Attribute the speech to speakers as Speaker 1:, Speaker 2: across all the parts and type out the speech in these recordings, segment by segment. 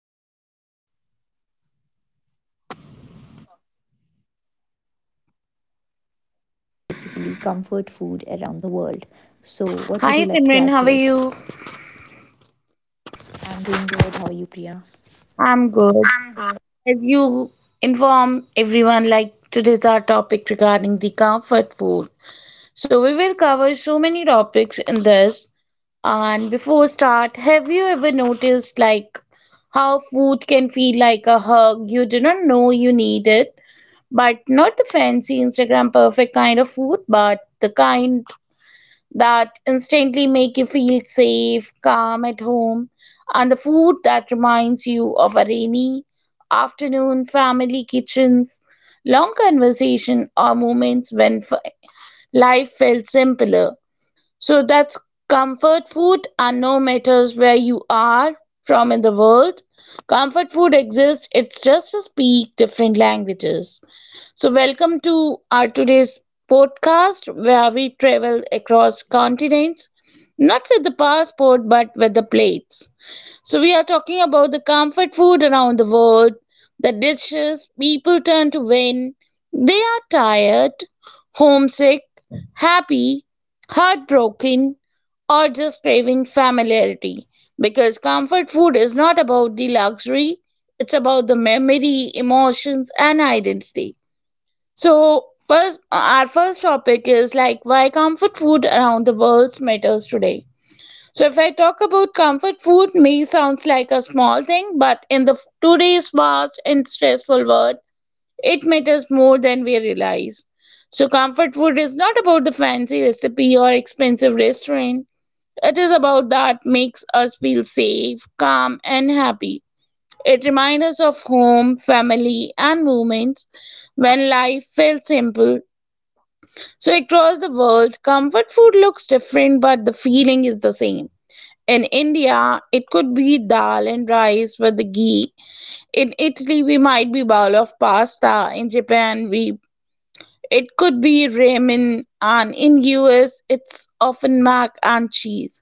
Speaker 1: talking about food and travel, basically comfort food around the world. So, what would you like to add to it?
Speaker 2: Hi Simran, how are you?
Speaker 1: I'm doing good. How are you, Priya?
Speaker 2: I'm good. As you inform everyone, today's our topic regarding the comfort food. So we will cover so many topics in this. And before start, have you ever noticed how food can feel like a hug? You do not know you need it, but not the fancy Instagram perfect kind of food, but the kind that instantly make you feel safe, calm at home, and the food that reminds you of a rainy afternoon, family kitchens, long conversation, or moments life felt simpler. So that's comfort food, and no matters where you are from in the world, comfort food exists. It's just speak different languages. So, welcome to our today's podcast where we travel across continents, not with the passport but with the plates. So, we are talking about the comfort food around the world, the dishes people turn to when they are tired, homesick, happy, heartbroken, or just craving familiarity. Because comfort food is not about the luxury, it's about the memory, emotions, and identity. So, first, our first topic is like why comfort food around the world matters today. So, if I talk about comfort food, may sounds like a small thing, but today's fast and stressful world, it matters more than we realize. So, comfort food is not about the fancy recipe or expensive restaurant. It is about that makes us feel safe, calm, and happy. It reminds us of home, family, and moments when life felt simple so, across the world, comfort food looks different, but the feeling is the same. In India, it could be dal and rice with the ghee. In Italy, we might be bowl of pasta. In Japan, we it could be ramen, and in US, it's often mac and cheese.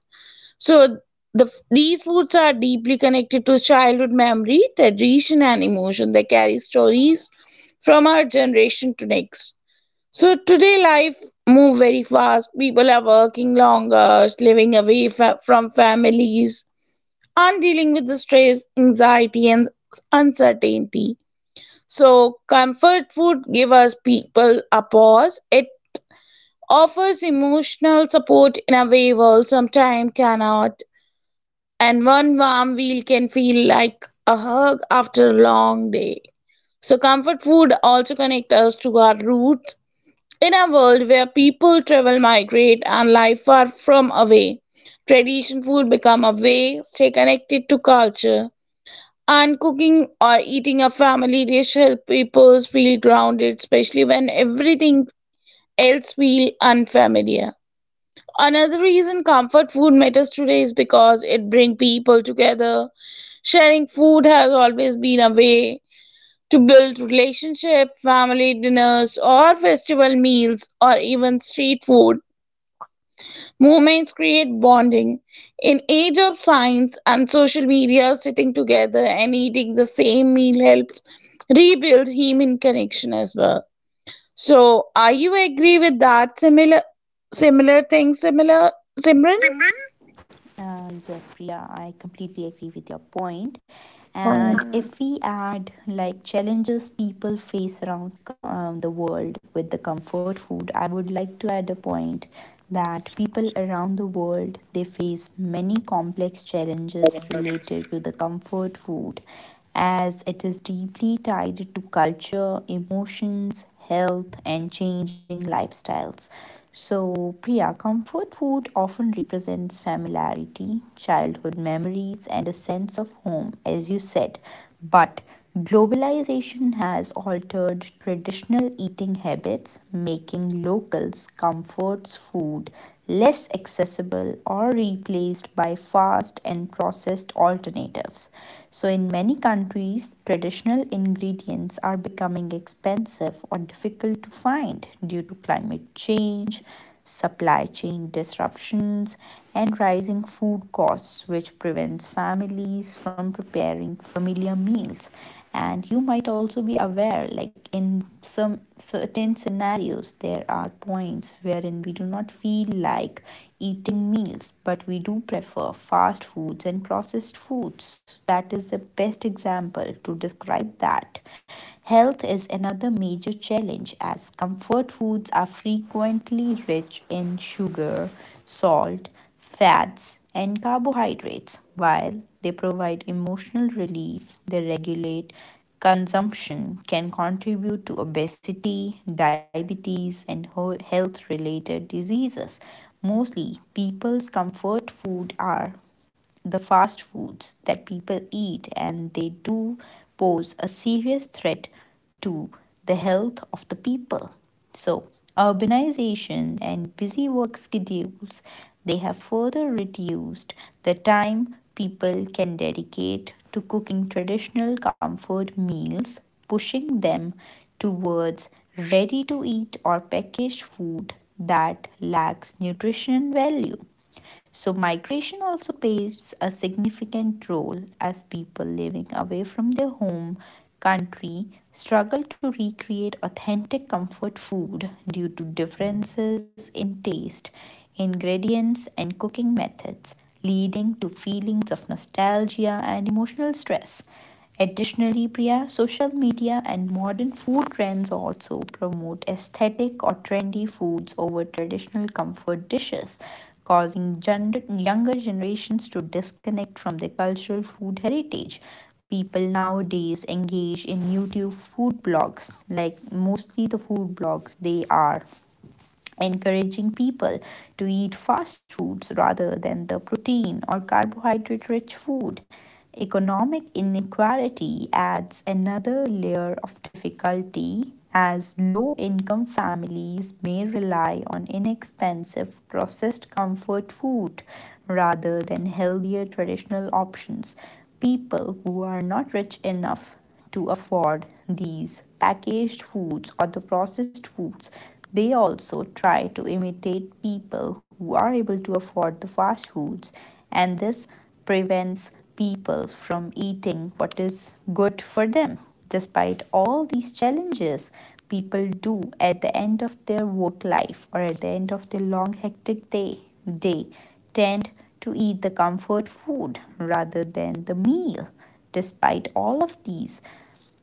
Speaker 2: So, these foods are deeply connected to childhood memory, tradition, and emotion. They carry stories from our generation to next. So today life move very fast. People are working longer, living from families, and dealing with the stress, anxiety, and uncertainty. So comfort food give us people a pause. It offers emotional support in a way world sometimes cannot. And one warm meal can feel like a hug after a long day. So comfort food also connect us to our roots in a world where people travel, migrate, and live far from away, tradition food become a way stay connected to culture. And cooking or eating a family dish help people feel grounded, especially when everything else feel unfamiliar. Another reason comfort food matters today is because it brings people together. Sharing food has always been a way to build relationship, family dinners or festival meals or even street food Movements create bonding. In age of science and social media, sitting together and eating the same meal helps rebuild human connection as well. So, are you agree with that? Similar thing, similar, Simran.
Speaker 1: Yes, Priya, I completely agree with your point. And if we add like challenges people face around the world with the comfort food, I would like to add a point that people around the world they face many complex challenges related to the comfort food as it is deeply tied to culture, emotions, health and changing lifestyles. So, Priya, comfort food often represents familiarity, childhood memories, and a sense of home, as you said. But globalization has altered traditional eating habits, making locals' comforts food less accessible or replaced by fast and processed alternatives. So, in many countries, traditional ingredients are becoming expensive or difficult to find due to climate change, supply chain disruptions, and rising food costs, which prevents families from preparing familiar meals, and you might also be aware like in some certain scenarios there are points wherein we do not feel like eating meals but we do prefer fast foods and processed foods. That is the best example to describe that. Health is another major challenge as comfort foods are frequently rich in sugar, salt, fats, and carbohydrates. While they provide emotional relief, they regulate consumption, can contribute to obesity, diabetes, and health related diseases. Mostly, people's comfort food are the fast foods that people eat, and they do pose a serious threat to the health of the people. So, urbanization and busy work schedules they have further reduced the time people can dedicate to cooking traditional comfort meals, pushing them towards ready to eat or packaged food that lacks nutrition value. So, migration also plays a significant role as people living away from their home country struggle to recreate authentic comfort food due to differences in taste, ingredients, and cooking methods, leading to feelings of nostalgia and emotional stress. Additionally, Priya, social media and modern food trends also promote aesthetic or trendy foods over traditional comfort dishes, causing younger generations to disconnect from their cultural food heritage. People nowadays engage in YouTube food blogs, like mostly the food blogs they are encouraging people to eat fast foods rather than the protein or carbohydrate rich food. Economic inequality adds another layer of difficulty as low income families may rely on inexpensive processed comfort food rather than healthier traditional options. People who are not rich enough to afford these packaged foods or the processed foods they also try to imitate people who are able to afford the fast foods, and this prevents people from eating what is good for them. Despite all these challenges, people do at the end of their work life or at the end of their long hectic day tend to eat the comfort food rather than the meal. Despite all of these,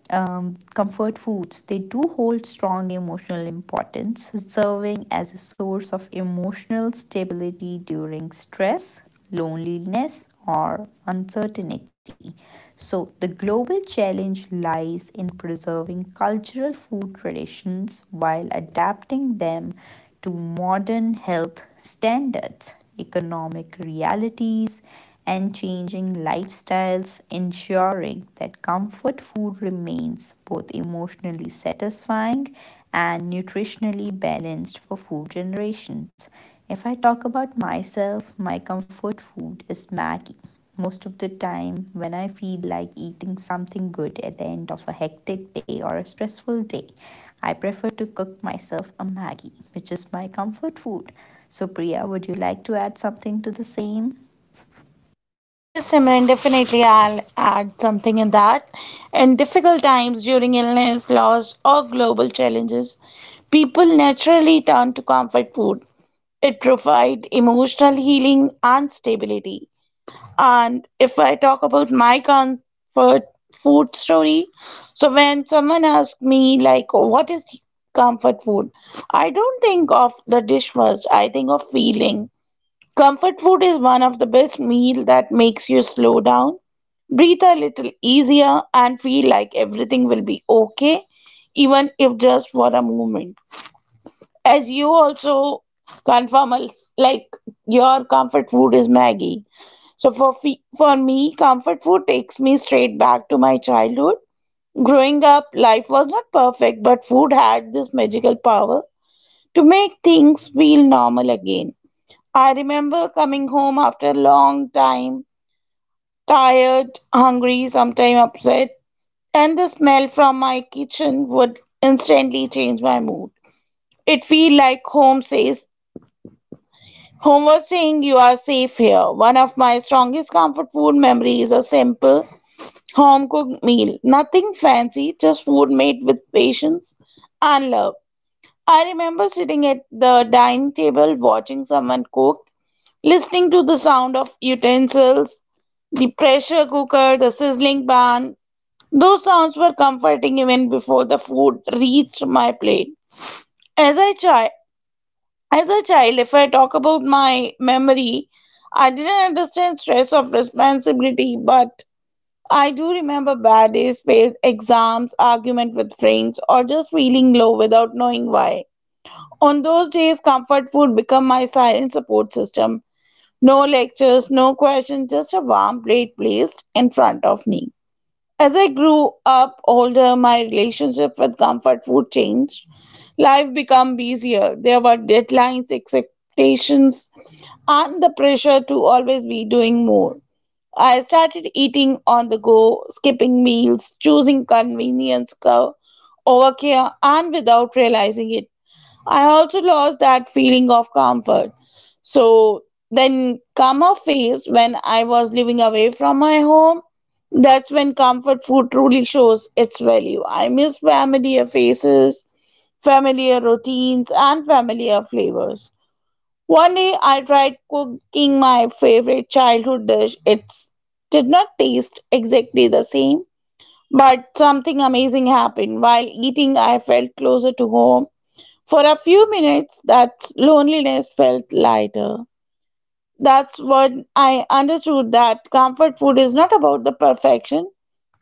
Speaker 1: comfort foods they do hold strong emotional importance, serving as a source of emotional stability during stress, loneliness or uncertainty. So the global challenge lies in preserving cultural food traditions while adapting them to modern health standards, economic realities, and changing lifestyles, ensuring that comfort food remains both emotionally satisfying and nutritionally balanced for four generations. If I talk about myself, my comfort food is Maggie. Most of the time, when I feel like eating something good at the end of a hectic day or a stressful day, I prefer to cook myself a Maggie, which is my comfort food. So, Priya, would you like to add something to the same?
Speaker 2: Yes, Simran, definitely I'll add something in that. In difficult times during illness, loss, or global challenges, people naturally turn to comfort food. It provides emotional healing and stability. And if I talk about my comfort food story, so when someone asks me, what is comfort food, I don't think of the dish first, I think of feeling. Comfort food is one of the best meal that makes you slow down, breathe a little easier, and feel like everything will be okay, even if just for a moment. As you also confirm, like, your comfort food is Maggie. For me, comfort food takes me straight back to my childhood. Growing up, life was not perfect, but food had this magical power to make things feel normal again. I remember coming home after a long time, tired, hungry, sometimes upset, and the smell from my kitchen would instantly change my mood. It feel like home says home was saying you are safe here. One of my strongest comfort food memories is a simple Home cooked meal. Nothing fancy, just food made with patience and love. I remember sitting at the dining table watching someone cook, listening to the sound of utensils, the pressure cooker, the sizzling pan. Those sounds were comforting even before the food reached my plate. As a child, as a child, if I talk about my memory, I didn't understand stress of responsibility, but I do remember bad days, failed exams, argument with friends, or just feeling low without knowing why. On those days, comfort food became my silent support system. No lectures, no questions, just a warm plate placed in front of me. As I grew up older, my relationship with comfort food changed. Life became busier. There were deadlines, expectations, and the pressure to always be doing more. I started eating on the go, skipping meals, choosing over care, and without realizing it. I also lost that feeling of comfort. So then come a phase when I was living away from my home. That's when comfort food truly shows its value. I miss familiar faces, familiar routines, and familiar flavors. One day I tried cooking my favorite childhood dish. It did not taste exactly the same, but something amazing happened. While eating, I felt closer to home. For a few minutes, that loneliness felt lighter. That's when I understood that comfort food is not about the perfection,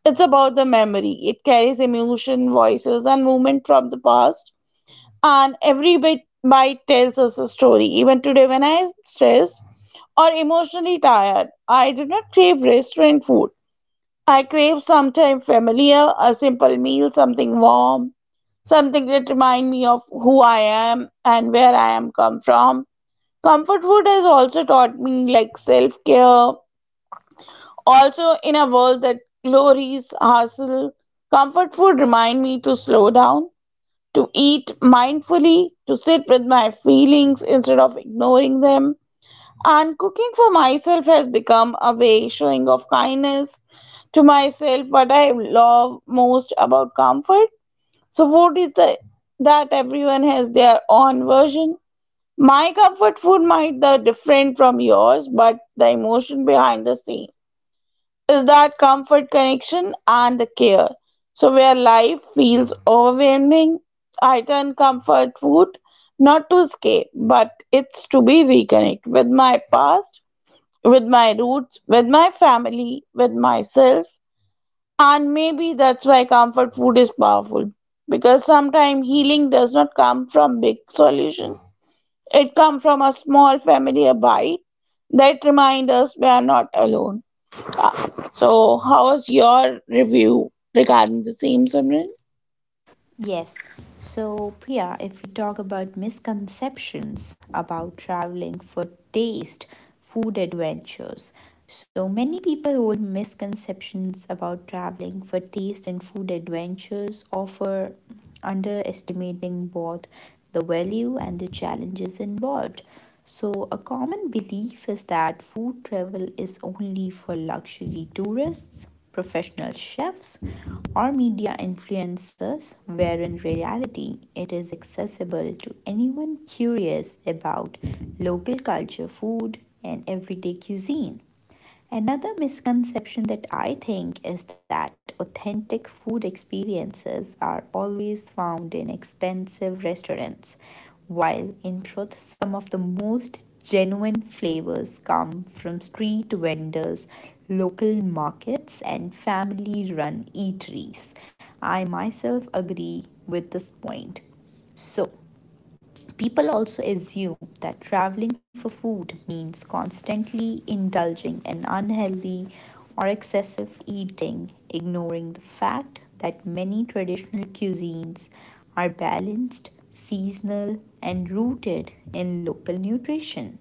Speaker 2: it's about the memory. It carries emotion, voices, and movement from the past, and every bite tells us a story. Even today, when I'm stressed, or emotionally tired. I do not crave restaurant food. I crave something familiar, a simple meal, something warm, something that reminds me of who I am and where I am come from. Comfort food has also taught me like self-care. Also in a world that glories hustle, comfort food remind me to slow down, to eat mindfully, to sit with my feelings instead of ignoring them. And cooking for myself has become a way showing of kindness to myself what I love most about comfort. So food is the that everyone has their own version. My comfort food might be different from yours, but the emotion behind the scene is that comfort connection and the care. So where life feels overwhelming, I turn comfort food not to escape, but it's to be reconnect with my past with my roots, with my family, with myself. And maybe that's why comfort food is powerful. Because sometimes healing does not come from big solution. It comes from a small familiar bite that remind us we are not alone. Ah, So how was your review regarding the same Simran?
Speaker 1: Yes. So, Priya, if we talk about misconceptions about traveling for taste, food adventures, so many people hold misconceptions about traveling for taste and food adventures, offer underestimating both the value and the challenges involved. So, a common belief is that food travel is only for luxury tourists, professional chefs, or media influencers, where in reality it is accessible to anyone curious about local culture, food, and everyday cuisine. Another misconception that I think is that authentic food experiences are always found in expensive restaurants, while in truth, some of the most genuine flavors come from street vendors, local markets, and family run eateries. I myself agree with this point. So, people also assume that traveling for food means constantly indulging in unhealthy or excessive eating, ignoring the fact that many traditional cuisines are balanced, seasonal, and rooted in local nutrition.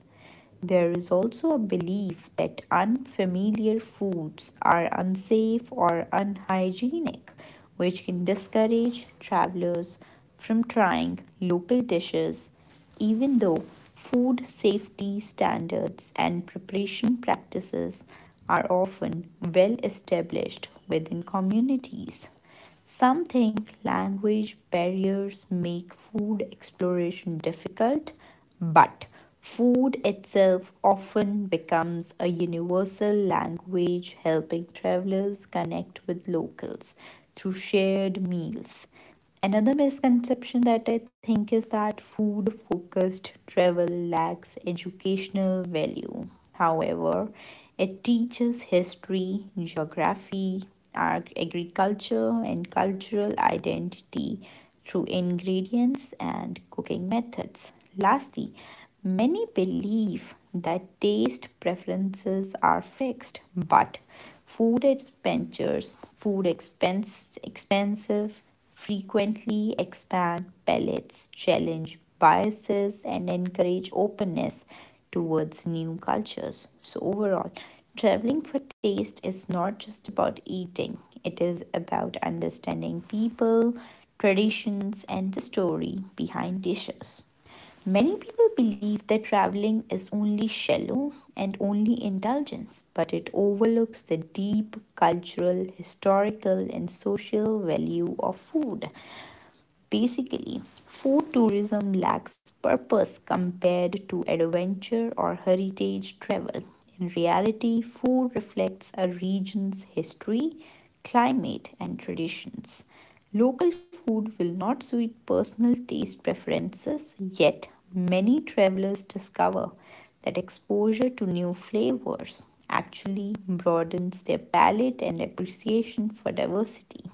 Speaker 1: There is also a belief that unfamiliar foods are unsafe or unhygienic, which can discourage travelers from trying local dishes, even though food safety standards and preparation practices are often well established within communities. Some think language barriers make food exploration difficult, but food itself often becomes a universal language, helping travelers connect with locals through shared meals. Another misconception that I think is that food focused travel lacks educational value. However, it teaches history, geography, agriculture, and cultural identity through ingredients and cooking methods. Lastly, many believe that taste preferences are fixed, but food expenditures, food expense expensive frequently expand palettes, challenge biases, and encourage openness towards new cultures. So, overall, traveling for taste is not just about eating, it is about understanding people, traditions, and the story behind dishes. Many people believe that traveling is only shallow and only indulgence, but it overlooks the deep cultural, historical, and social value of food. Basically, food tourism lacks purpose compared to adventure or heritage travel. In reality, food reflects a region's history, climate, and traditions. Local food will not suit personal taste preferences, yet, many travelers discover that exposure to new flavors actually broadens their palate and appreciation for diversity.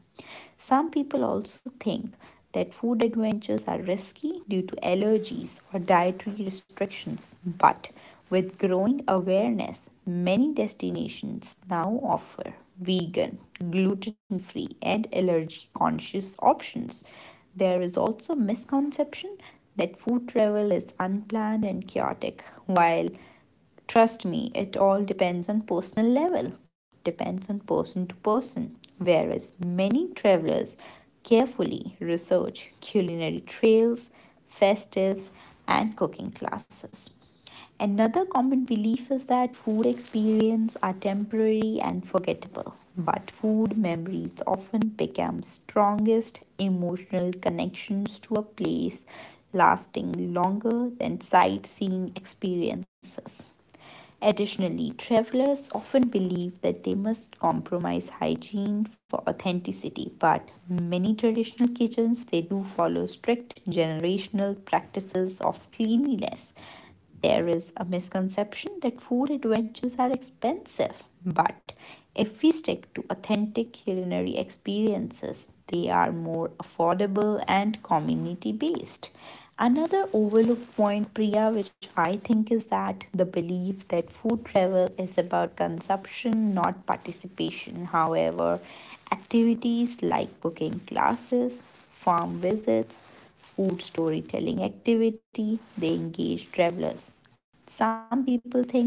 Speaker 1: Some people also think that food adventures are risky due to allergies or dietary restrictions, but with growing awareness, many destinations now offer vegan, gluten free, and allergy conscious options. There is also misconception that food travel is unplanned and chaotic, while trust me, it all depends on personal level, depends on person to person. Whereas many travelers carefully research culinary trails, festives, and cooking classes. Another common belief is that food experiences are temporary and forgettable, but food memories often become strongest emotional connections to a place, lasting longer than sightseeing experiences. Additionally, travelers often believe that they must compromise hygiene for authenticity, but many traditional kitchens they do follow strict generational practices of cleanliness. There is a misconception that food adventures are expensive, but if we stick to authentic culinary experiences, they are more affordable and community based. Another overlooked point, Priya, which I think is that the belief that food travel is about consumption, not participation. However, activities like cooking classes, farm visits, food storytelling activity, they engage travelers. Some people think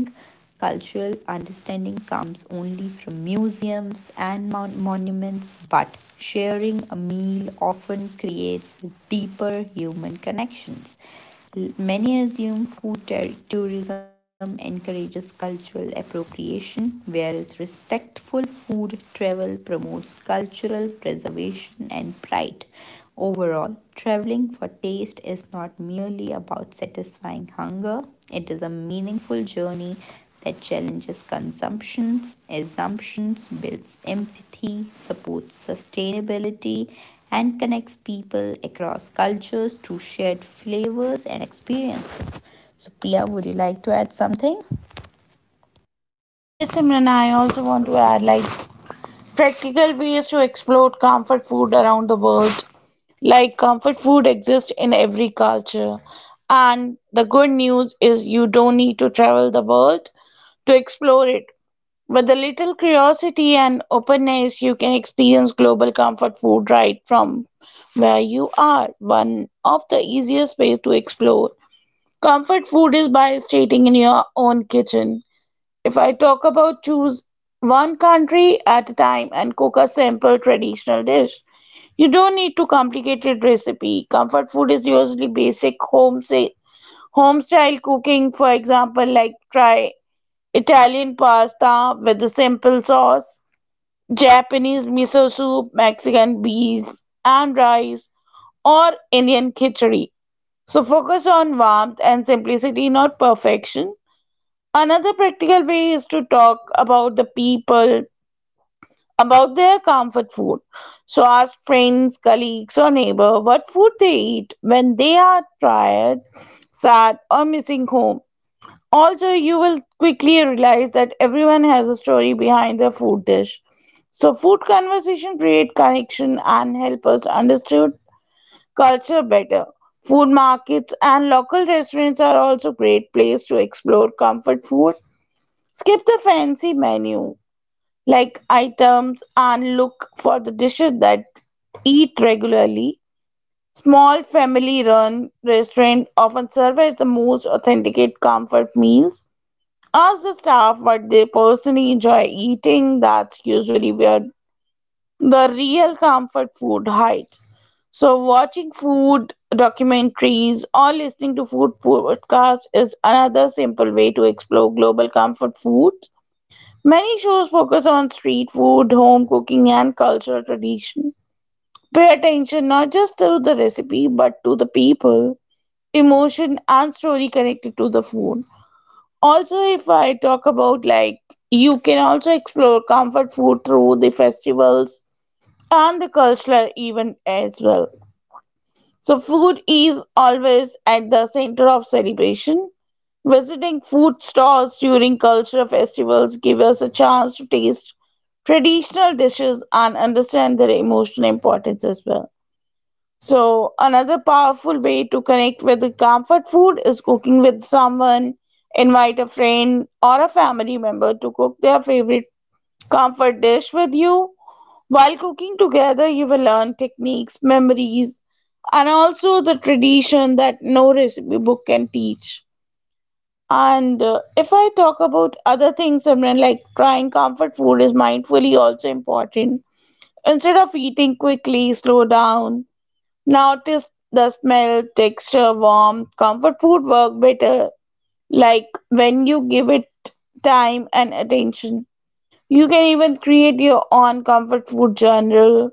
Speaker 1: cultural understanding comes only from museums and monuments, but sharing a meal often creates deeper human connections. Many assume food tourism encourages cultural appropriation, whereas respectful food travel promotes cultural preservation and pride. Overall, traveling for taste is not merely about satisfying hunger, it is a meaningful journey that challenges consumptions, assumptions, builds empathy, supports sustainability, and connects people across cultures through shared flavors and experiences. So, Priya, would you like to add something?
Speaker 2: Yes, Simran, I also want to add like practical ways to explore comfort food around the world. Like comfort food exists in every culture. And the good news is you don't need to travel the world to explore it. With a little curiosity and openness, you can experience global comfort food right from where you are. One of the easiest ways to explore comfort food is by stating in your own kitchen. If I talk about choose one country at a time and cook a simple traditional dish, you don't need to complicated recipe. Comfort food is usually home style cooking. For example, like try Italian pasta with a simple sauce, Japanese miso soup, Mexican beans and rice, or Indian khichdi. So focus on warmth and simplicity, not perfection. Another practical way is to talk about the people, about their comfort food. So ask friends, colleagues, or neighbor what food they eat when they are tired, sad, or missing home. Also, you will quickly realize that everyone has a story behind their food dish. So food conversation create connection and help us understand culture better. Food markets and local restaurants are also great place to explore comfort food Skip the fancy menu, like items, and look for the dishes that eat regularly. Small family run restaurant often serves the most authentic comfort meals. Ask the staff what they personally enjoy eating, that's usually where the real comfort food hides. So, watching food documentaries or listening to food podcasts is another simple way to explore global comfort food. Many shows focus on street food, home cooking, and cultural tradition. Pay attention not just to the recipe but to the people, emotion, and story connected to the food. Also, if I talk about like you can also explore comfort food through the festivals and the cultural event as well. So, food is always at the center of celebration Visiting food stalls during cultural festivals give us a chance to taste traditional dishes and understand their emotional importance as well. So, another powerful way to connect with the comfort food is cooking with someone. Invite a friend or a family member to cook their favorite comfort dish with you. While cooking together, you will learn techniques, memories, and also the tradition that no recipe book can teach. And If I talk about other things, Simran, like trying comfort food is mindfully also important. Instead of eating quickly, slow down, notice the smell, texture, warmth. Comfort food work better, like when you give it time and attention. You can even create your own comfort food journal.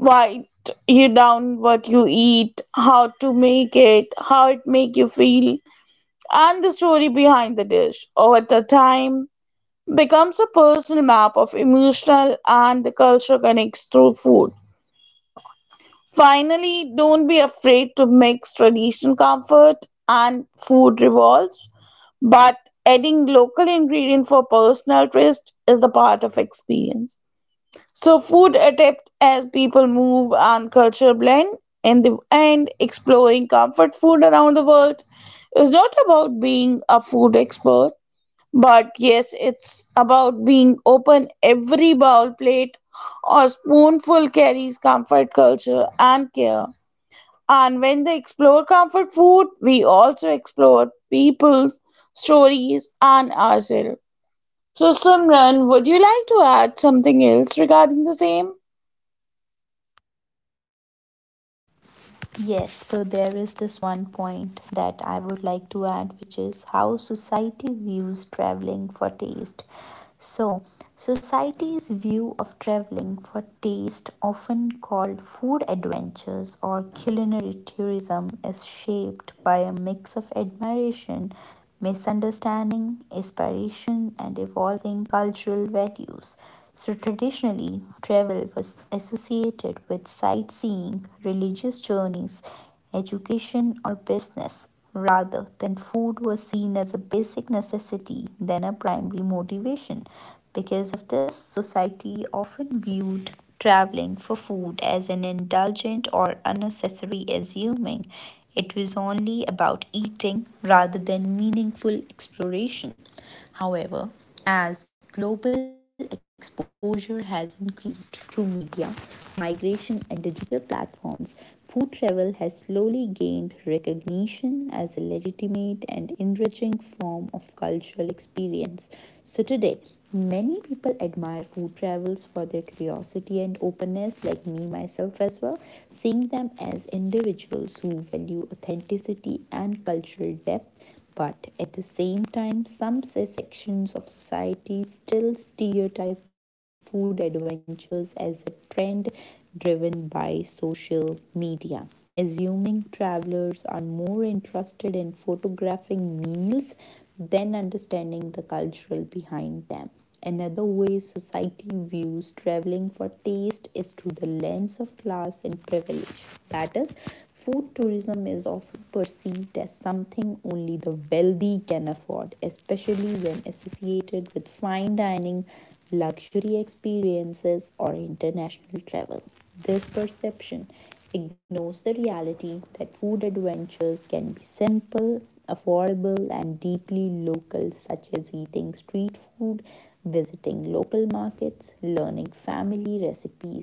Speaker 2: Write you down what you eat, how to make it, how it make you feel and the story behind the dish over the time becomes a personal map of emotional and the culture connects through food. Finally, don't be afraid to mix traditional comfort and food revolves, but adding local ingredient for personal twist is the part of experience. So food adapt as people move and culture blend. In the end, exploring comfort food around the world is not about being a food expert. But yes, it's about being open. Every bowl, plate, or spoonful carries comfort, culture, and care. And when they explore comfort food, we also explore people, stories, and ourselves. So, Simran, would you like to add something else regarding the same?
Speaker 1: Yes, so there is this one point that I would like to add, which is how society views traveling for taste. So, society's view of traveling for taste, often called food adventures or culinary tourism, is shaped by a mix of admiration, misunderstanding, aspiration, and evolving cultural values. So, traditionally, travel was associated with sightseeing, religious journeys, education, or business, rather than food was seen as a basic necessity than a primary motivation. Because of this, society often viewed traveling for food as an indulgent or unnecessary, assuming it was only about eating rather than meaningful exploration. However, as global exposure has increased through media, migration, and digital platforms, food travel has slowly gained recognition as a legitimate and enriching form of cultural experience. So, today, many people admire food travels for their curiosity and openness, like me myself as well, seeing them as individuals who value authenticity and cultural depth, but at the same time, some sections of society still stereotype food adventures as a trend driven by social media, assuming travelers are more interested in photographing meals than understanding the cultural behind them. Another way society views traveling for taste is through the lens of class and privilege. That is, food tourism is often perceived as something only the wealthy can afford, especially when associated with fine dining, luxury experiences, or international travel. This perception ignores the reality that food adventures can be simple, affordable and deeply local, such as eating street food, visiting local markets, learning family recipes.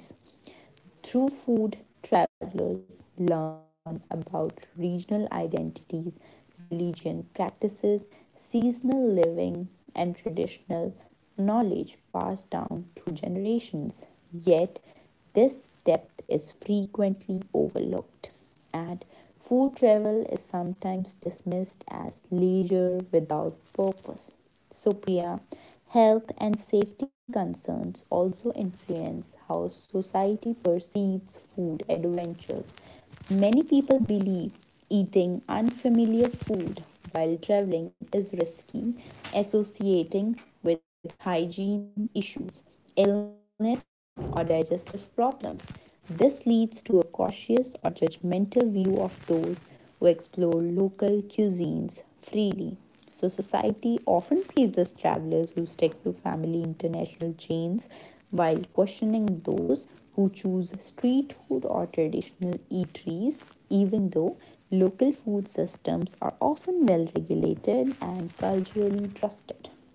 Speaker 1: Through food, travelers learn about regional identities, religion, practices, seasonal living, and traditional knowledge passed down through generations. Yet, this depth is frequently overlooked, and food travel is sometimes dismissed as leisure without purpose. So, Priya, health and safety concerns also influence how society perceives food adventures. Many people believe eating unfamiliar food while traveling is risky, associating with hygiene issues, illness, or digestive problems. This leads to a cautious or judgmental view of those who explore local cuisines freely. So, society often praises travelers who stick to family international chains while questioning those who choose street food or traditional eateries, even though local food systems are often well regulated and culturally trusted. So,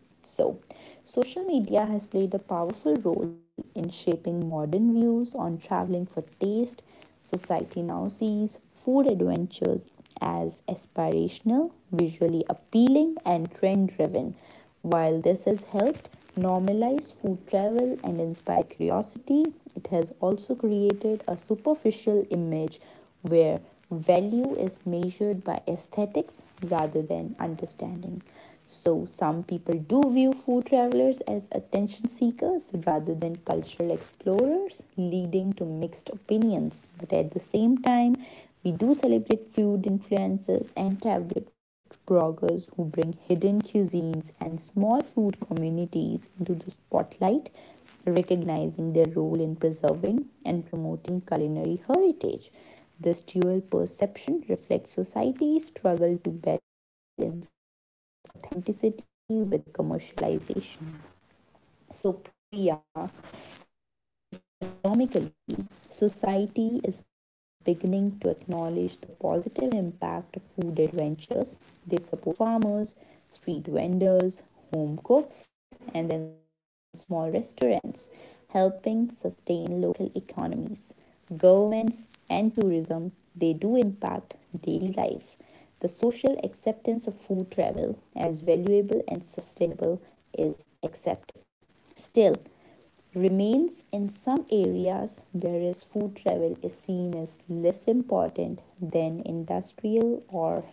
Speaker 1: social media has played a powerful role in shaping modern views on traveling for taste. Society now sees food adventures as aspirational, visually appealing, and trend driven. While this has helped normalize food travel and inspire curiosity, it has also created a superficial image where value is measured by aesthetics rather than understanding. So, some people do view food travelers as attention seekers rather than cultural explorers, leading to mixed opinions. But at the same time, we do celebrate food influencers and travel bloggers who bring hidden cuisines and small food communities into the spotlight, recognizing their role in preserving and promoting culinary heritage. This dual perception reflects society's struggle to balance authenticity with commercialization. So, Priya, economically, society is beginning to acknowledge the positive impact of food adventures. They support farmers, street vendors, home cooks, and then small restaurants, helping sustain local economies. Governments and tourism, they do impact daily life. The social acceptance of food travel as valuable and sustainable is accepted still remains in some areas, whereas food travel is seen as less important than industrial or heritage tourism.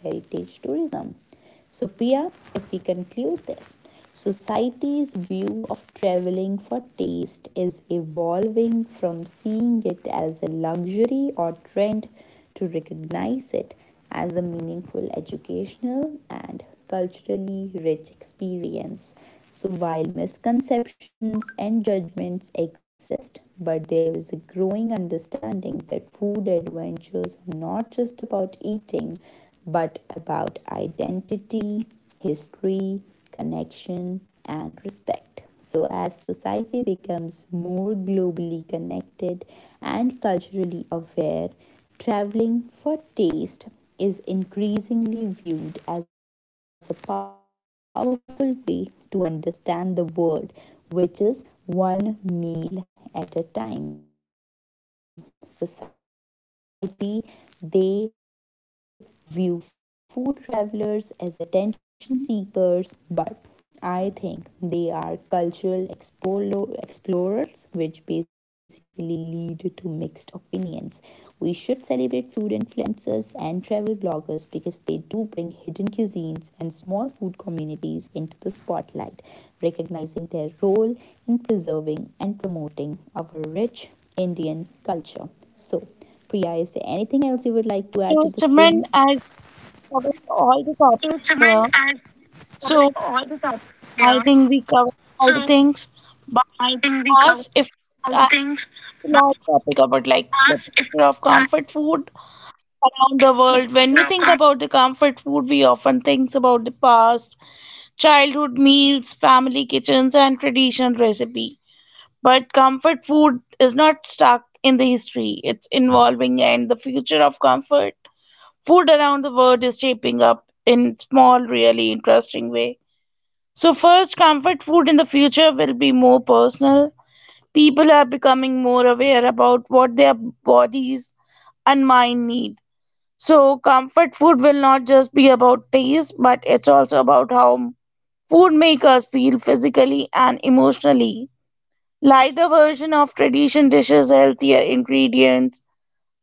Speaker 1: So, Priya, if we conclude this, society's view of traveling for taste is evolving from seeing it as a luxury or trend to recognize it as a meaningful, educational and culturally rich experience. So, while misconceptions and judgments exist, but there is a growing understanding that food adventures are not just about eating, but about identity, history, connection, and respect. So, as society becomes more globally connected and culturally aware, traveling for taste is increasingly viewed as a powerful way to understand the world, which is one meal at a time. Society they view food travelers as attention seekers, but I think they are cultural explorers, which basically lead to mixed opinions. We should celebrate food influencers and travel bloggers because they do bring hidden cuisines and small food communities into the spotlight, recognizing their role in preserving and promoting our rich Indian culture. So, Priya, is there anything else you would like to add to the same?
Speaker 2: So, Simran, I
Speaker 1: Instrument and
Speaker 2: covered
Speaker 1: covered
Speaker 2: all the
Speaker 1: all the
Speaker 2: topics here.
Speaker 1: topics there.
Speaker 2: So,
Speaker 1: So
Speaker 2: I think we
Speaker 1: I think
Speaker 2: covered
Speaker 1: we
Speaker 2: all
Speaker 1: covered
Speaker 2: the
Speaker 1: all the
Speaker 2: things.
Speaker 1: things.
Speaker 2: But
Speaker 1: But
Speaker 2: asked if
Speaker 1: as if
Speaker 2: I
Speaker 1: I...
Speaker 2: large topic about like the future of comfort food around the world. When we think about the comfort food, we often think about the past, childhood meals, family kitchens, and traditional recipe. But comfort food is not stuck in the history; it's evolving, and the future of comfort food around the world is shaping up in small, really interesting way. So first, comfort food in the future will be more personal. People are becoming more aware about what their bodies and mind need. So, comfort food will not just be about taste, but it's also about how food makes us feel physically and emotionally. Lighter version of tradition dishes, healthier ingredients,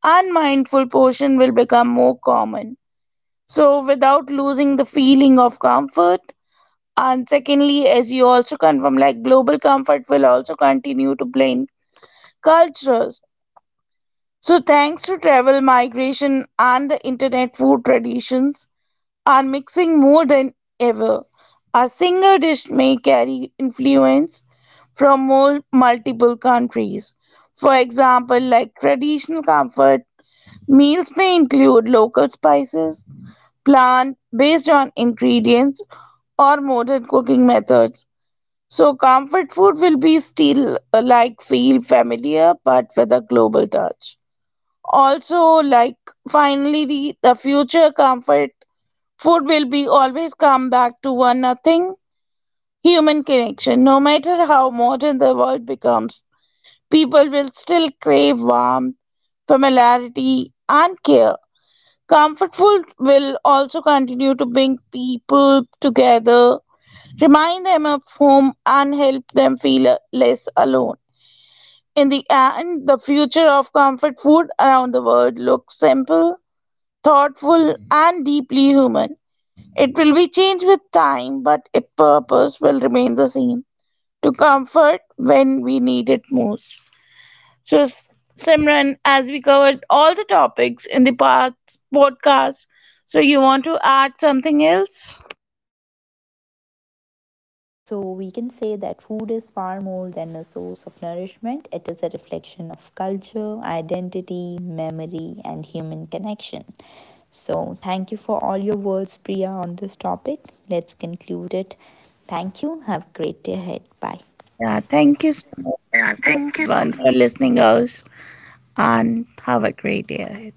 Speaker 2: and mindful portion will become more common. So, without losing the feeling of comfort. And secondly, as you also confirm, like global comfort will also continue to blend cultures. So, thanks to travel, migration, and the internet, food traditions are mixing more than ever. A single dish may carry influence from multiple countries. For example, like traditional comfort meals may include local spices, plant based on ingredients, or modern cooking methods. So, comfort food will be still like feel familiar but with a global touch. Also, like finally, the future comfort food will be always come back to one nothing human connection. No matter how modern the world becomes, people will still crave warmth, familiarity, and care. Comfort food will also continue to bring people together remind them of home and help them feel less alone. In the end, the future of comfort food around the world looks simple thoughtful, and deeply human. It will be changed with time, but its purpose will remain the same to comfort when we need it most. So, Simran, as we covered all the topics in the past podcast, so you want to add something else?
Speaker 1: Yes, so we can say that food is far more than a source of nourishment. It is a reflection of culture, identity, memory, and human connection. So, thank you for all your words, Priya, on this topic. Let's conclude it. Thank you. Have a great day ahead. Bye.
Speaker 2: Yeah,
Speaker 1: Yeah,
Speaker 2: thank you
Speaker 1: thank
Speaker 2: so much,
Speaker 1: you.
Speaker 2: everyone, for listening us, and have a great day. Ahead.